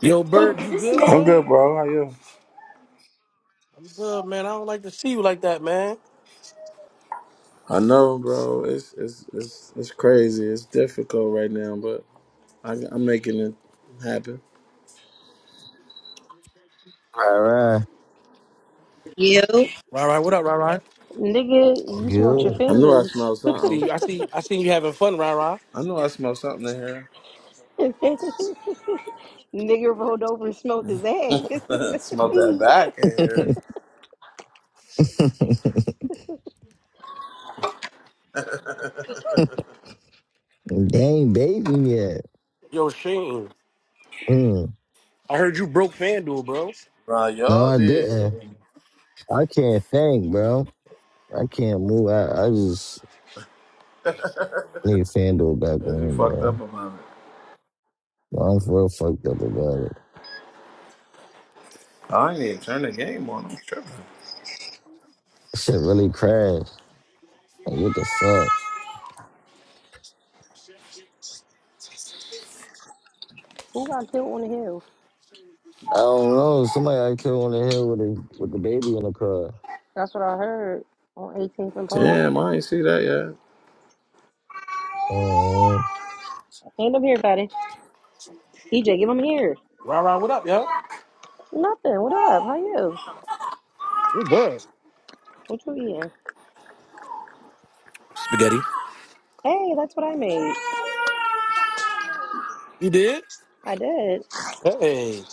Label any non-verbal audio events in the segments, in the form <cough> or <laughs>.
Yo, Bird, you good, I'm bro? good, bro. How you? I'm good, man. I don't like to see you like that, man. I know, bro. It's it's it's it's crazy. It's difficult right now, but I, I'm making it happen. All right, You Right, right. What up, right, right? Nigga, you smoked your good. I know I fingers. smell I see something. you. I see. I seen you having fun, right, right? I know I smell something in here. <laughs> Nigga rolled over and smoked his ass. <laughs> <laughs> Smelled that <laughs> back in here. Dang, baby, yet. Yo, Shane, Mm. I heard you broke FanDuel, bro. Nah, No, y'all I did. didn't. I can't think, bro. I can't move. I, I just need FanDuel back Cause you on, fucked up bro. about it. No, I'm real fucked up about it. I ain't even turn the game on. I'm tripping. Shit really crashed. Like, what the fuck? Who got killed on the hill? I don't know. Somebody I killed on the hill with the with the baby in the car. That's what I heard on 18th and Park. Damn, I ain't see that yet. Oh, Hand him here, Patty. EJ, give him here. Right, right. What up, yo? Nothing. What up? How you? We're good. What you eating? Spaghetti. Hey, that's what I made. You did? I did. Hey,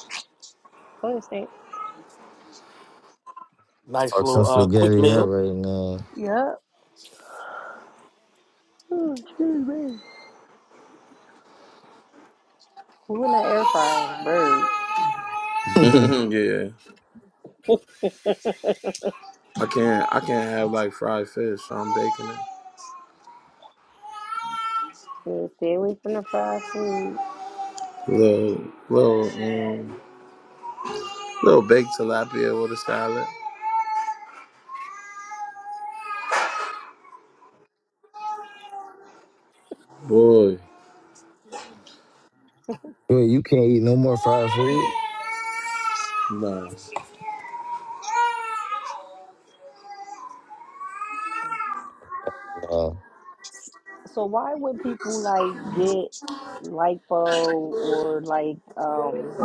Go ahead, Stink. nice fuck some little uh, quick spaghetti up meal. right now. Yup. Oh, excuse me. <laughs> Who in that air fryer? Bird. <laughs> yeah, I can't. I can't have like fried fish. So I'm baking it. Yeah, stay away from the fried food. Little, little, um, little baked tilapia with a salad. Boy, Wait, you can't eat no more fried food? no. No. So why would people like get lipo or like um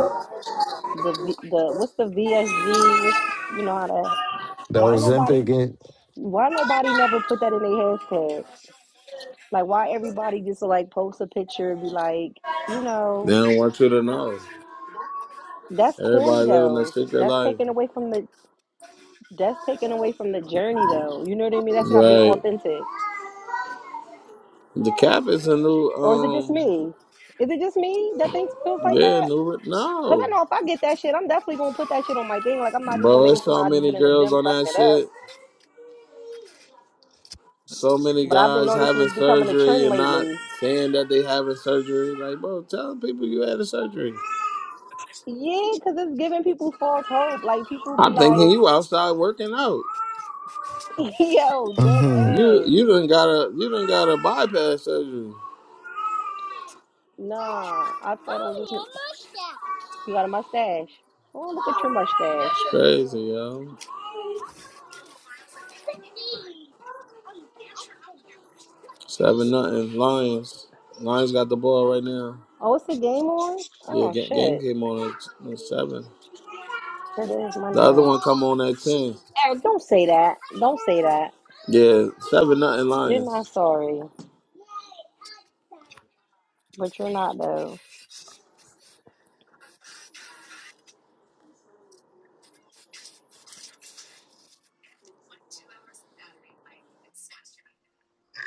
the V- the what's the VSG? What's you know how to That why was nobody Ozempic. why nobody never put that in their hashtag? Like why everybody just like post a picture and be like, you They know, don't want you to know. that's corny Everybody living a though. secret That's life. taken away from the that's taken away from the journey though. You know what I mean? That's not being Right. authentic. The cap is a new. Or is it just um. me? Is it just me that thinks feels like Yeah, that? no, Cause I no, know if I get that shit, I'm definitely gonna put that shit on my thing. Like I'm not just gonna bro. make it There's seem so like I just many been in the girls gym on fucking that it up. shit. So many But I've been guys noticing having it's becoming a surgery trend and not lately. saying that they having surgery. Like, bro, tell people you had a surgery. Yeah, cause it's giving people false hope. Like people be I'm thinking like, you outside working out. <laughs> "Yo, dead <laughs> You ass." you done got a you done got a bypass surgery. Nah, I thought Mommy, I was just. your mustache. You got a mustache. Oh, look at your mustache. It's crazy, yo. Seven nothing. Lions. Lions got the ball right now. Oh, it's the game on. Yeah, Oh ga- game shit, came on at at seven. it is The Monday. other one come Oh, on at shit. ten. Eric, don't say that. Don't say that. Yeah, seven nothing You're Lions. not sorry, but you're not though.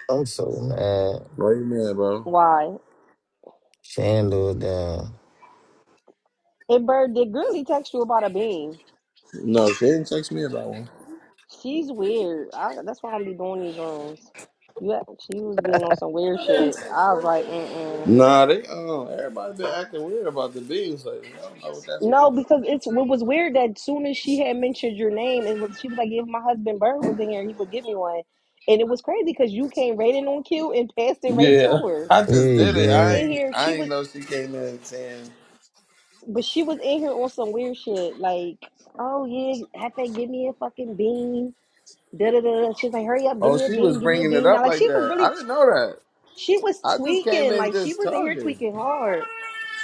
I'm so mad. Why you mad, bro? Why? Chandler down. And Bird, did Girly text you about a bean? No, she didn't text me about one. She's weird. I, that's why I don't be doing these rooms. You, act- she was being on some weird shit. I was like, mm mm. Nah, they um everybody been acting weird about the beans lately. I don't know what that's been. No, because it's what was weird that soon as she had mentioned your name, it was she was like, if my husband Bird was in here, he would give me one. And it was crazy because you came right in on cue and passed it right Yeah, to her. <laughs> I Yeah, just he But did it. she was I did. in ain't here. I She ain't was, know she came in saying, but she was in here on some weird shit. Like, oh yeah, have they give me a fucking bean? da da da. da. She's like, hurry up, give "Oh, me a she was bean, give me a bringing it bean. Now, up like like she was that." I really, didn't know that. she was I just came tweaking, in like she just was in here talking. tweaking hard.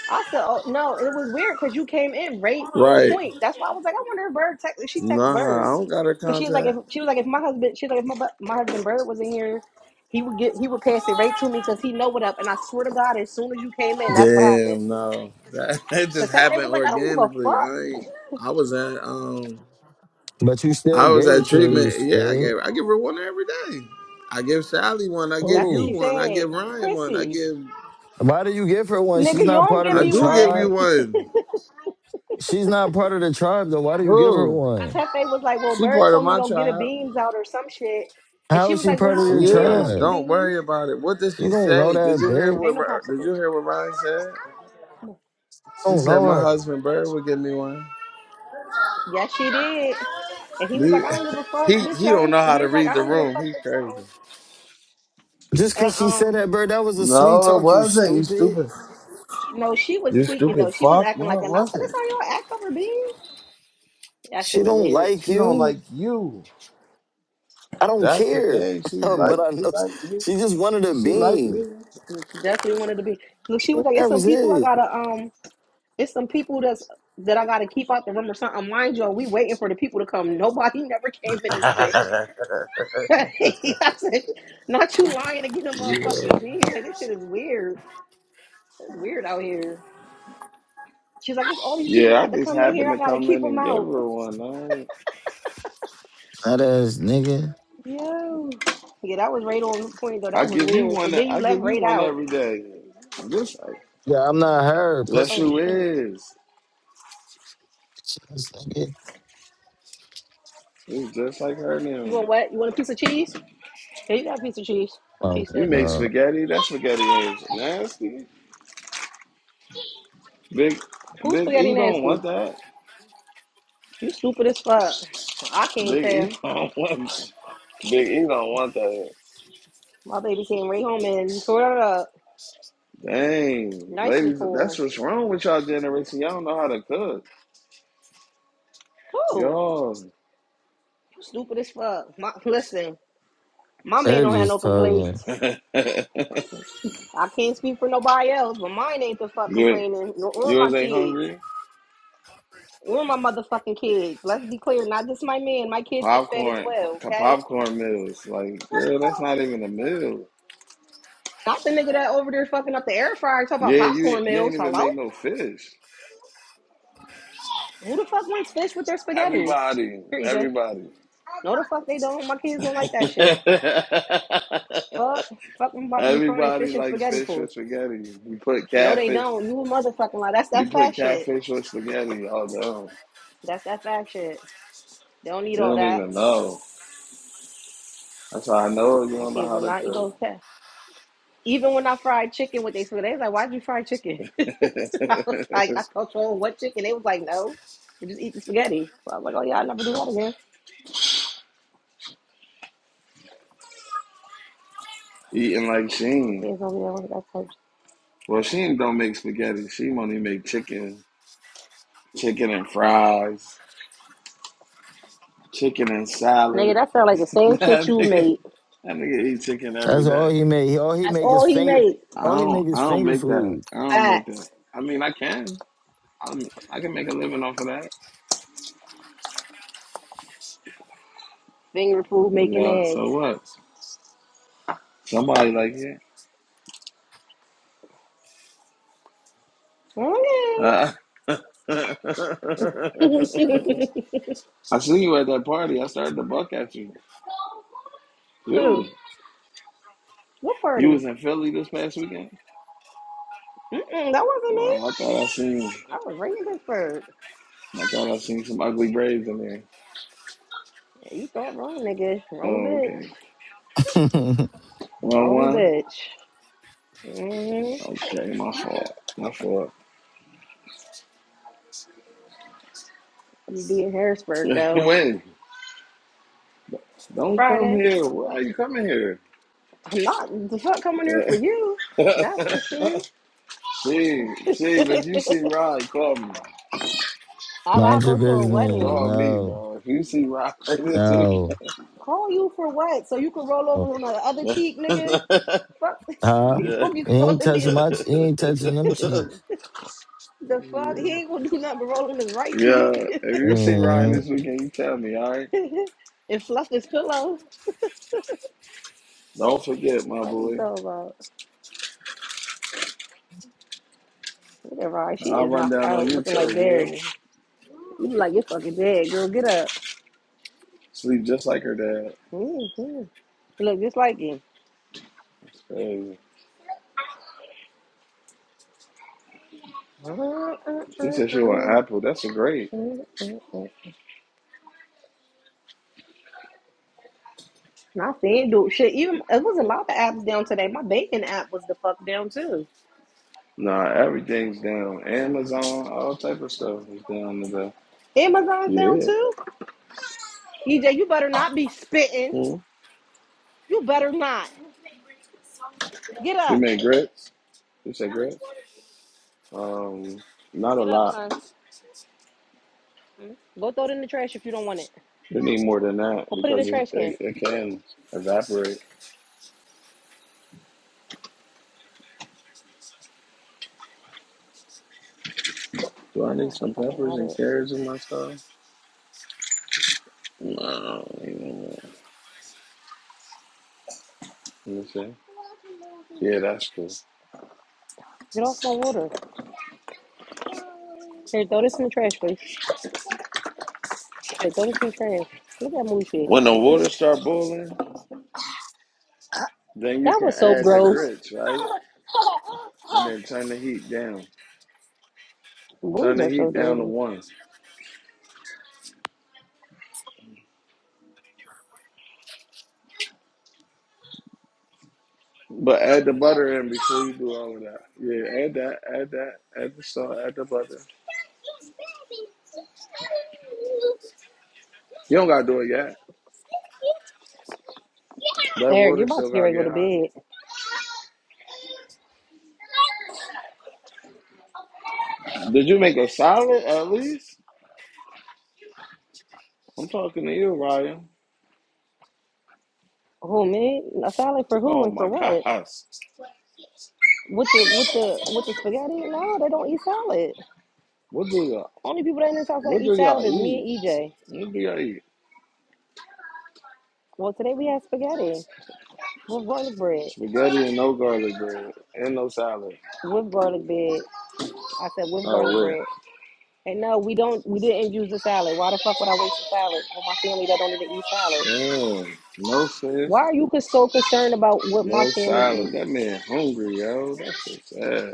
I said, oh no, and it was weird because you came in right on Right? point. That's why I was like, I wonder if Bird text, if she text Nah, Bird I don't got her because she was like, if contact. she was like, if my husband, she was like, if my bu- my husband Bird was in here, he would get, he would pass it right to me because he know what up. And I swear to God, as soon as you came in, that's what happened. Damn, no, that <laughs> it just Because Hefe happened was like, I don't give a organically. fuck. I ain't. I was at um. But you still I was gave at it to her, you treatment. Yeah, I squid. gave I give her one every day. I give Sally one. I give That's what Oh. you she one. I said, give Ryan one. I Chrissy, give Why do you give her one? nigga, She's you not don't part of give I the me do one. give you tribe. one. She's not part of the tribe, though. Why do you give her Who? one? Tefe was like, "Well, she Bird part of told me my don't get a tribe. beams out or some shit," and How she is was she like, "Well, part you of could your She give me a is. fucking tribe? Don't beam. worry about it. What did You she don't know say? Did that you hear bitch. what Ain't You no Ri- Did you popsicles. hear what Ryan said? Come on." She don't said know my her. husband Bird would give me one. Yes, she did. And he was like, You- "I <laughs> don't give a fuck, He bitch. he I don't ain't. know how He to was like, read "I the don't give a room. fuck, He's bitch. crazy. Something." Just And because she said um, that, bird, that was a sweet No, it talk, you wasn't. You stupid. stupid. you know, she was You tweaking stupid though. She was fuck. acting No, like, it and I said, "That's wasn't. how y'all act over beams." That She shit was don't weird. like She don't you. like you. I don't That's the care. thing. She <laughs> like but I she know like me. she just wanted a She like beam. me. And she definitely wanted to be. Look, she was like, "It's That some was people I it. gotta um, it's some people that's." That I gotta keep out the room or something. Mind you, we waiting for the people to come. Nobody <laughs> never came in this bitch. <laughs> I said, not you lying to get a Yeah. motherfucking beam. Like, this shit is weird. It's weird out here. She's like, it's all these people Yeah, I about to just come in here. happened I to gotta come keep in them and give out. her one. That ass nigga. Yo. Yeah, that was right on point, though. I I That was give you weird. one And then you I left give you right one out. every day. Just like Yeah, I'm not her, Yes Oh, pussy. you shit. is. Bitch-ass nigga. You just like her You want now. what? You want a piece of cheese? Yeah, you got a piece of cheese. But she Oh You said, make no, spaghetti, that spaghetti is nasty. Big who's Big spaghetti E don't nasty? want that. You stupid as fuck. I can't Big E tell. <laughs> don't want Big E don't want that. My baby came right home and tore it up. Dang. Nice and Ladies, that's full. what's wrong with y'all generation. Y'all don't know how to cook. Oh, Yo. you stupid as fuck. My, <laughs> listen. My man her don't have no just talking. <laughs> complaints. I can't speak for nobody else, but mine ain't the fuck you, complaining, nor or my yours ain't kids, hungry? or my motherfucking kids. Let's be clear, not just my man. My kids get fed as Popcorn, well, po- okay? popcorn meals. Like, girl, that's not even a meal. Not the nigga that over there fucking up the air fryer talking about Yeah, you popcorn you ain't meals. even Hello? make no fish. Who the fuck wants fish with their spaghetti? Everybody, Here, EJ. everybody. No, the fuck they don't. My kids don't like that shit. <laughs> Fuck, fuck, I'm about to be frying everybody fish and likes spaghetti fish for. you. with spaghetti. You put No, they catfish, don't. You a motherfucking lie. That's you that fat put shit. catfish with spaghetti all down. That's that fat shit. They don't eat You all don't that. even know. That's how I know you My don't know kids how do to not eat all that. Even when I fried chicken with they spaghetti, they was like, "Why'd you fry chicken?" <laughs> cook. I was like, "I thought you only chicken." They was like, "No, we just eat the spaghetti." So I was like, "Oh yeah, I'll never do that again." <laughs> Eating like My Sheen. kids don't be there with that type. of shit. Well, she don't make spaghetti. She only make chicken, chicken and fries, chicken and Nigga, salad. that sound like the <laughs> same shit that you nigga, made. that nigga eat chicken every That's all day. he make. He- All he That's make is all he finger. made. I All he don't, make is I don't finger make that. food. I don't make that. Facts. I mean, I can, I, I can make a living off of that. Finger food making Yeah. So eggs. what? Somebody like it. Okay. Uh, <laughs> <laughs> I see you at that party. I started to buck at you. You, Who? What you party? was in Philly this past weekend. Mm-mm, that wasn't me. Well, I thought I seen, I was raised in Pittsburgh. I thought I seen some ugly braids in there. Yeah, you thought wrong, nigga. Wrong Oh, bitch. okay. <laughs> Mind One Wrong one. bitch. Mm-hmm. Okay, my fault. My fault. I'm gonna be in Harrisburg <laughs> though. Wait, don't come Friday. here. Why are you coming here? I'm not the fuck coming here for <laughs> you. That's for sure. Chief, <laughs> Chief, if you see I Rod, call me. gotta your go to a business. wedding. Call me, No, bro. If you see Rod <laughs> this week. no. Call you for what? So you can roll Oh, over on the other yeah. cheek, <laughs> nigga. Fuck. <laughs> Huh? He won't be He ain't calling me touching my. He ain't touching them cheeks. the fuck. He ain't gonna do nothing but roll on his right yeah. cheek If you see Ryan this Mm, weekend, you tell me, all right? <laughs> and fluff his pillow. Don't forget, my Fuck you boy. talking about? Look at Rye. She I'll is run knocked down on out, you looking like too, Barry. yeah? You look like you're fucking dead, girl. Get up. Sleep just like her dad. Mm-hmm. You look just like It's crazy. She said she want Apple. That's a great. him. Not FanDuel. Shit, even it was a lot of apps down today. My banking app was the fuck down too. Nah, everything's down. Amazon, all type of stuff is down today. Amazon's down Yeah. too. EJ, you better not be spitting. hmm You better not. Get You up. make grits? You say grits? Um, not a Get up, lot. son. Go throw it in the trash if you don't want it. You need more than that Go put it in the because it, trash can. it, it can evaporate. Do I need Oh, I some fucking peppers had and it. carrots in my stuff? No. you know what? Let me see. Yeah, that's cool. Get off my water. Here, throw this in the trash, please. Here, throw this in the trash. Look at Moochie. When the <laughs> water start boiling, then you that can was so add the gross. grits, right? and then turn the heat down. Turn Boys the are so heat down to dirty. one. But add the butter in before you do all of that. Yeah, add that, add that, add the salt, add the butter. You don't gotta do it yet. That Eric, you're water about still to get gotta ready to go get to hot. bed. Did you make a salad at least? I'm talking to you, Ryan. Who, me? A salad for who Oh and for my <laughs> what? god. With the with the with the spaghetti? No, they don't eat salad. What do y'all Only people that in this house that what do eat y'all salad is eat? me and EJ. What do y'all eat? Well, today we had spaghetti with garlic bread. Spaghetti and no garlic bread. And no salad. With garlic bread. I said with garlic Oh, wait. bread. And no, we don't we didn't use the salad. Why the fuck would I waste a salad on my family that don't even eat salad? Damn. No fish. Why are you so concerned about what my No family salad. eat? That man hungry, yo. That's so sad.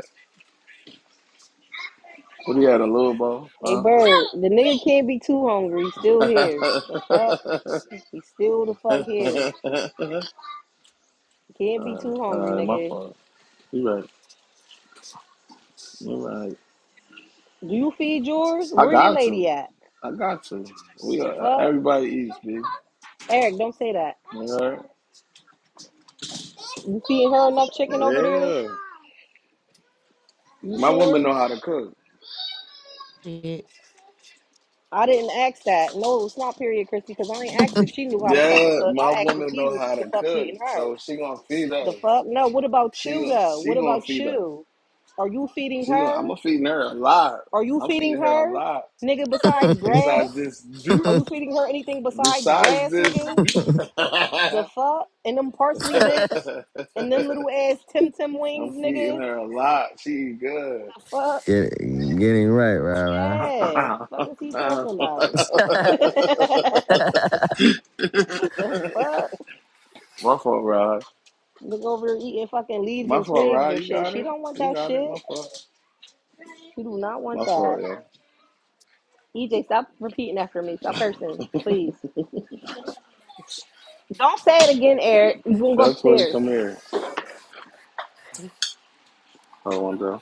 What do you had, a little ball? Hey Huh? bird, <laughs> the nigga can't be too hungry. He's still here. The fuck? He's still the <laughs> fuck here. Alright, Can't be too hungry, alright, my nigga. fault. You right. You right. Do you feed yours? I Where your got to. lady at? I got to. We The uh, fuck? everybody eats, big. Eric, don't say that. You know? You feeding her enough chicken over there? Yeah. You My woman sure? know how to cook. Shit. I didn't ask that. No, it's not period, Christy, because I ain't asked if she knew how to fucking Yeah, cook. my I asked if woman he know was how the to fuck cook, feeding her. so she gonna feed The us. fuck? No, what about She you, gonna though? she What gonna about feed us. you? Are you feeding She gonna I'm her? gonna feeding her a lot. Are you I'm feeding feeding her a her? lot. Nigga, besides grass? Besides this, Are you feeding her anything besides besides grass, this, nigga? <laughs> The I'm fuck? And them parsley bits? And them little ass Tim Tim wings, nigga? feeding her The a lot. She eat good. fuck? get getting right, right, <laughs> right. Hey, fuck is he my talking about? <laughs> <laughs> What the fuck? fault, Rod. Look over here eating fucking leaves My and fault, twigs Rod. and You shit. got She it. don't want You that got it. shit. My fault. She do not want My that. fault, yeah. EJ, stop repeating after me. Stop cursing, please. Don't say it again, Eric. You gonna go Tell Toy to upstairs? come here. Hold on,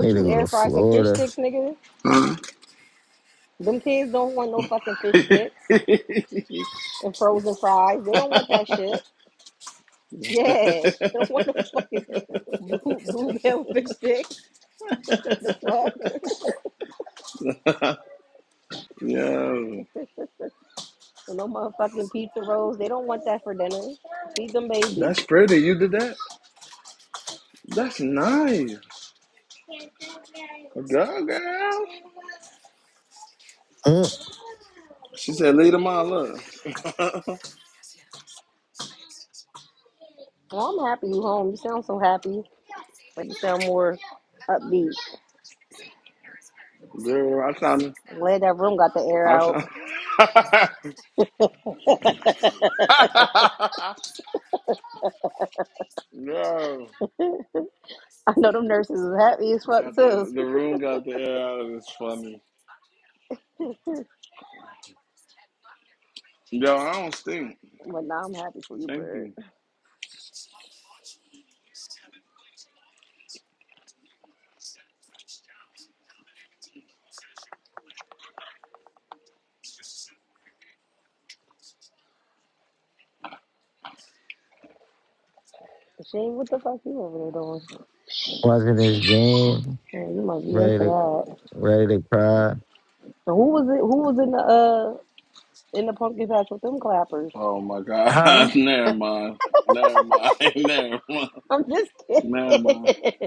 Need to you go to air fry some fish Florida. sticks, nigga? though. Them kids don't want no fucking fish <laughs> sticks and frozen fries. They don't want that shit. Yeah, <laughs> they don't want no fucking blue bluebell fish sticks. The fuck? Yo, And no motherfucking pizza rolls. They don't want that for dinner. Feed them babies. that's pretty. You did that? That's nice. A Go, girl. Mm, She said, lead them all up. <laughs> Well, I'm happy you home. You sound so happy. Like you sound more upbeat. girl, I sound, I'm glad that room got the air I out. sound. <laughs> Yo, <laughs> I know them nurses is happy as fuck got too. the, <laughs> the room got the air out of it. It's funny. Yo, I don't stink. But now I'm happy for you, Thank bird. you. Shane, what the fuck you over there doing? watching this game. Oh, you might be Ready into to that. ready to cry. And who was it? Who was in the uh in the pumpkin patch with them clappers? Oh my God! <laughs> never mind. Never mind. <laughs> Never mind. <laughs> I'm just Never mind. kidding.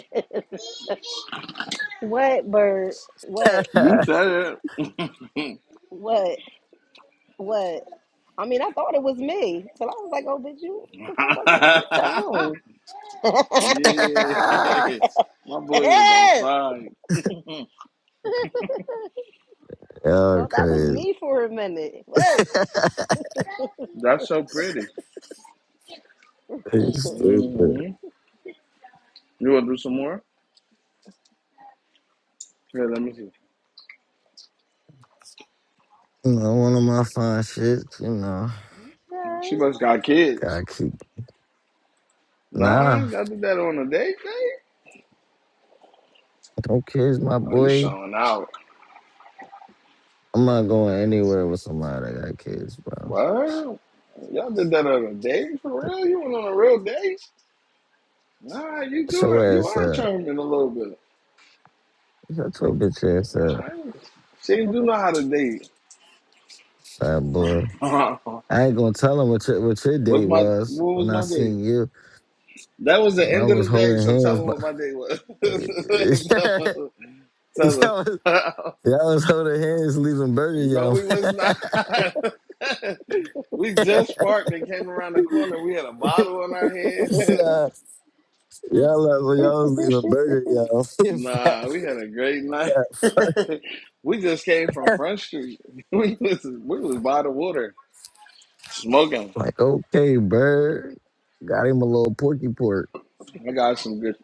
<laughs> what bird? What? You said it. What? What? I mean, I thought it was me. So I was like, oh, bitch, you, <laughs> what the fuck was it? What's that wrong? yeah. <laughs> Huh? <laughs> <laughs> My boy was outside. Y'all thought that was crazy. me for a minute. Whoa. <laughs> <laughs> That's so pretty. You hmm stupid. You want to do some more? Here, let me see. You know, one of my fine shits, you know. She must got kids. Gotta keep. Nah, Nah, y'all did that on a date night? no kids, my Oh, you boy. showing out. I'm not going anywhere with somebody that got kids, bro. What? Y'all did that on a date for real? You went on a real date? Nah, you do Show it. You ass are up. charming a little bit. Shut your bitch ass All up, right. She do know how to date. fat boy. <laughs> What's I ain't gonna tell him what your, what your day my was what when was I my date? seen you. That was the end Y'all of the was day, holding so tell hands, her but. what my date was. <laughs> <laughs> tell her. Tell y'all, was, her. y'all was holding hands leaving <laughs> Burger no, we was not. <laughs> we Yum. just parked and came around the corner. We had a bottle in our Okay. <laughs> hand. nah. Y'all like when y'all was <laughs> leaving Burger, y'all. <laughs> <laughs> fat, nah, we had a great night. fat, <laughs> we just came from fat. Front Street. <laughs> we was we was by the water smoking. Like, okay, bird. Got him a little porky pork. I got some good.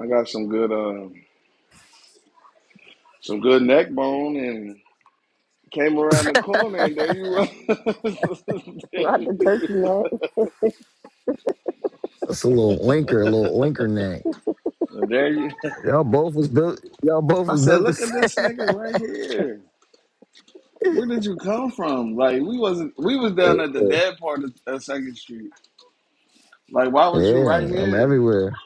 I got some good. Uh, some good neck bone and came around the <laughs> corner and there That's you were. <laughs> Not the turkey neck. a little winker, a little winker neck. and there you Y'all both was built y'all both I was said, built the look at same. this nigga right here. Where did you come from? Like we wasn't we was down at the <laughs> dead part of, of Second Street. Like why was you Yeah, right I'm here? everywhere.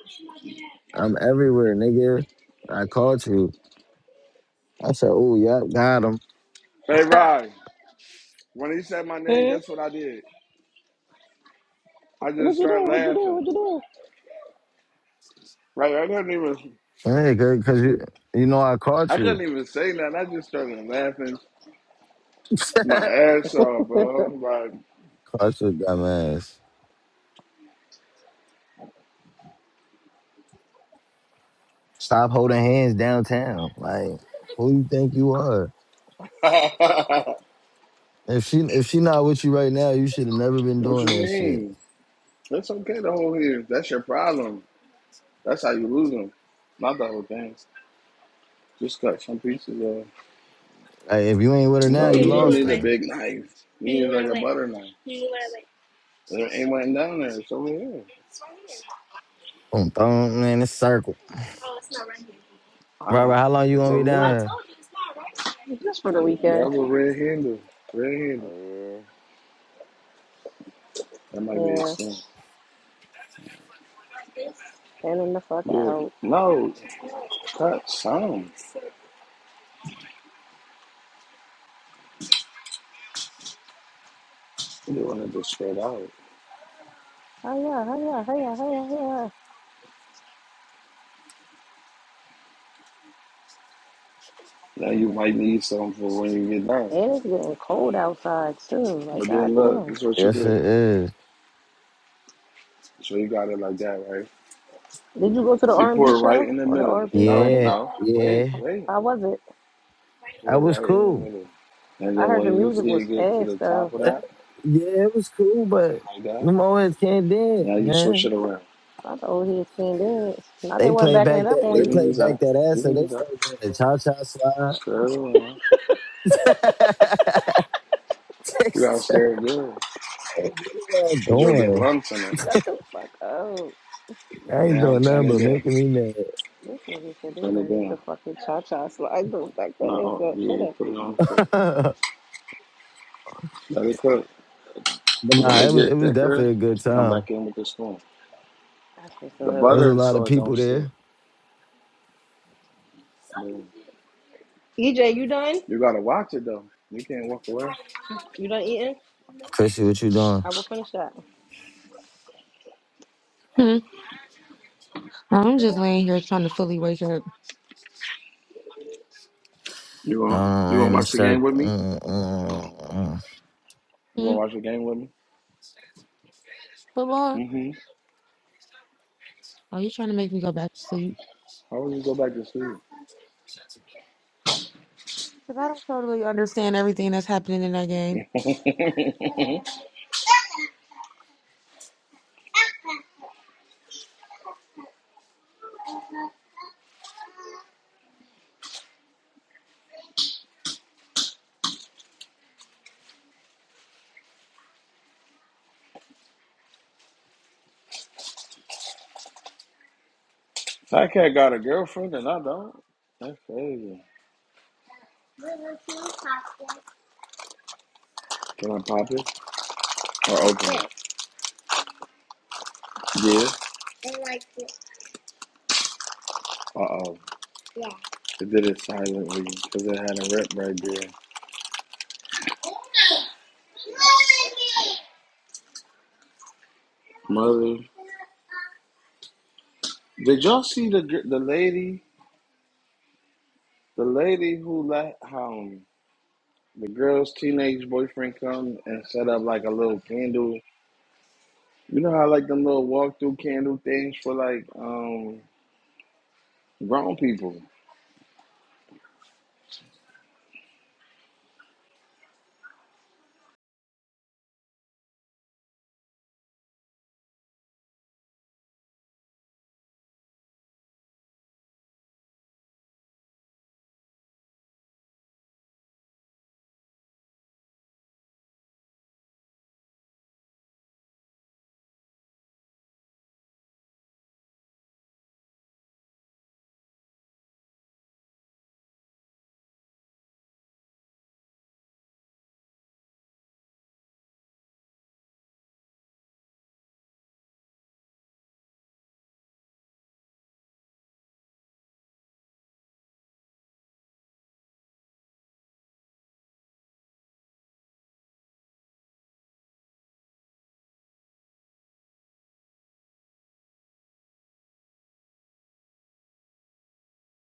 I'm everywhere, nigga. I caught you. I said, oh yeah, got him. Hey <laughs> Rod, when he said my name, Hmm? guess <laughs> what I did? I What just you do? started What you do? laughing. Right? I couldn't even Hey, cause you you know I caught I you. couldn't even say nothing. I just started laughing <laughs> my ass off, What you do? bro. caught you, dumbass. Stop holding hands downtown. Like, who you think you are? Like <laughs> If she if she not with you right now, you should This have whole never thing? been what you doing that shit. mean? It's okay to hold here. That's your problem. That's how you lose them. Not the whole thing. Just cut some pieces of. Like, if you ain't with her now, No, you you you don't look lost need like, a like? her. big knife. You you need like a like? butter knife. you like? There ain't one down there. It's over here. It's right here. Boom, boom, man, it's circle. Oh, it's not right here. I Robert, know. how long you It's gonna be over there. Well, I down told you it's not right here. <laughs> You Just keep for the telling me there. it's weekend. a right red handle. Red here? handle. Oh That might be a Yeah. thing. Like this. And then the fuck Yeah. out. No, No. cut some. You don't want to just spread out. Oh yeah, oh yeah, oh yeah, oh yeah, Now you might need some for when you get done. yeah. And it's getting cold outside too. Like, But then look, goddamn. this is what yeah. you Yes, do. it is. So you got it like that, right? Did you go to the You R and pour B it right show in the or the middle. R and B No, party? Yeah, no. Wait, yeah. wait. How was it? Pour That it was right in the cool. middle. And I then heard the when you music see it was get to ass the top though. of Eh, that, Yeah, it was cool, see but it like that, them always can't dance, now you switch man. it around. I told his can dance. Now they They wasn't play backing it back up that on You they you. can play use back that. that ass, You so can they use that. start doing the cha cha slide. Stir it around. <laughs> They You gotta start- stir it good. what are y'all Cause you'll get doing? lumps in it. Shut the fuck up. I ain't Now doing turn nothing it but down. making me This nigga said they Turn it done hit the down. fucking cha cha slide. Don't back that No, ass up. Shut yeah, up, put it P. on so mad. <laughs> let it cook. But When nah, it it was get it was thicker, definitely a good come time. back in with the spoon. That's what's The up. There was a butter is lot of so it people don't stick. there. I mean, EJ, you done? You gotta watch it though. You can't walk away. You done eating? Chrissy, what you doing? I will finish that. Mhm. I'm just laying here trying to fully wake up. You Uh, gonna you gonna I'm in the watch the game circle. with me? Mm, mm, mm. You gonna Mm. watch the game with me? But boy, Mm-hmm. are you trying to make me go back to sleep? How will you go back to sleep? Because I don't totally understand everything that's happening in that game. Fat cat got a girlfriend and I don't. That's crazy. Can I pop it or open it? Yeah. I like it. Uh oh. Yeah. It did it silently because it had a rip right there. Mother, did y'all see the the lady the lady who let um The girl's teenage boyfriend come and set up like a little candle. You know how like them little walk through candle things for like um grown people.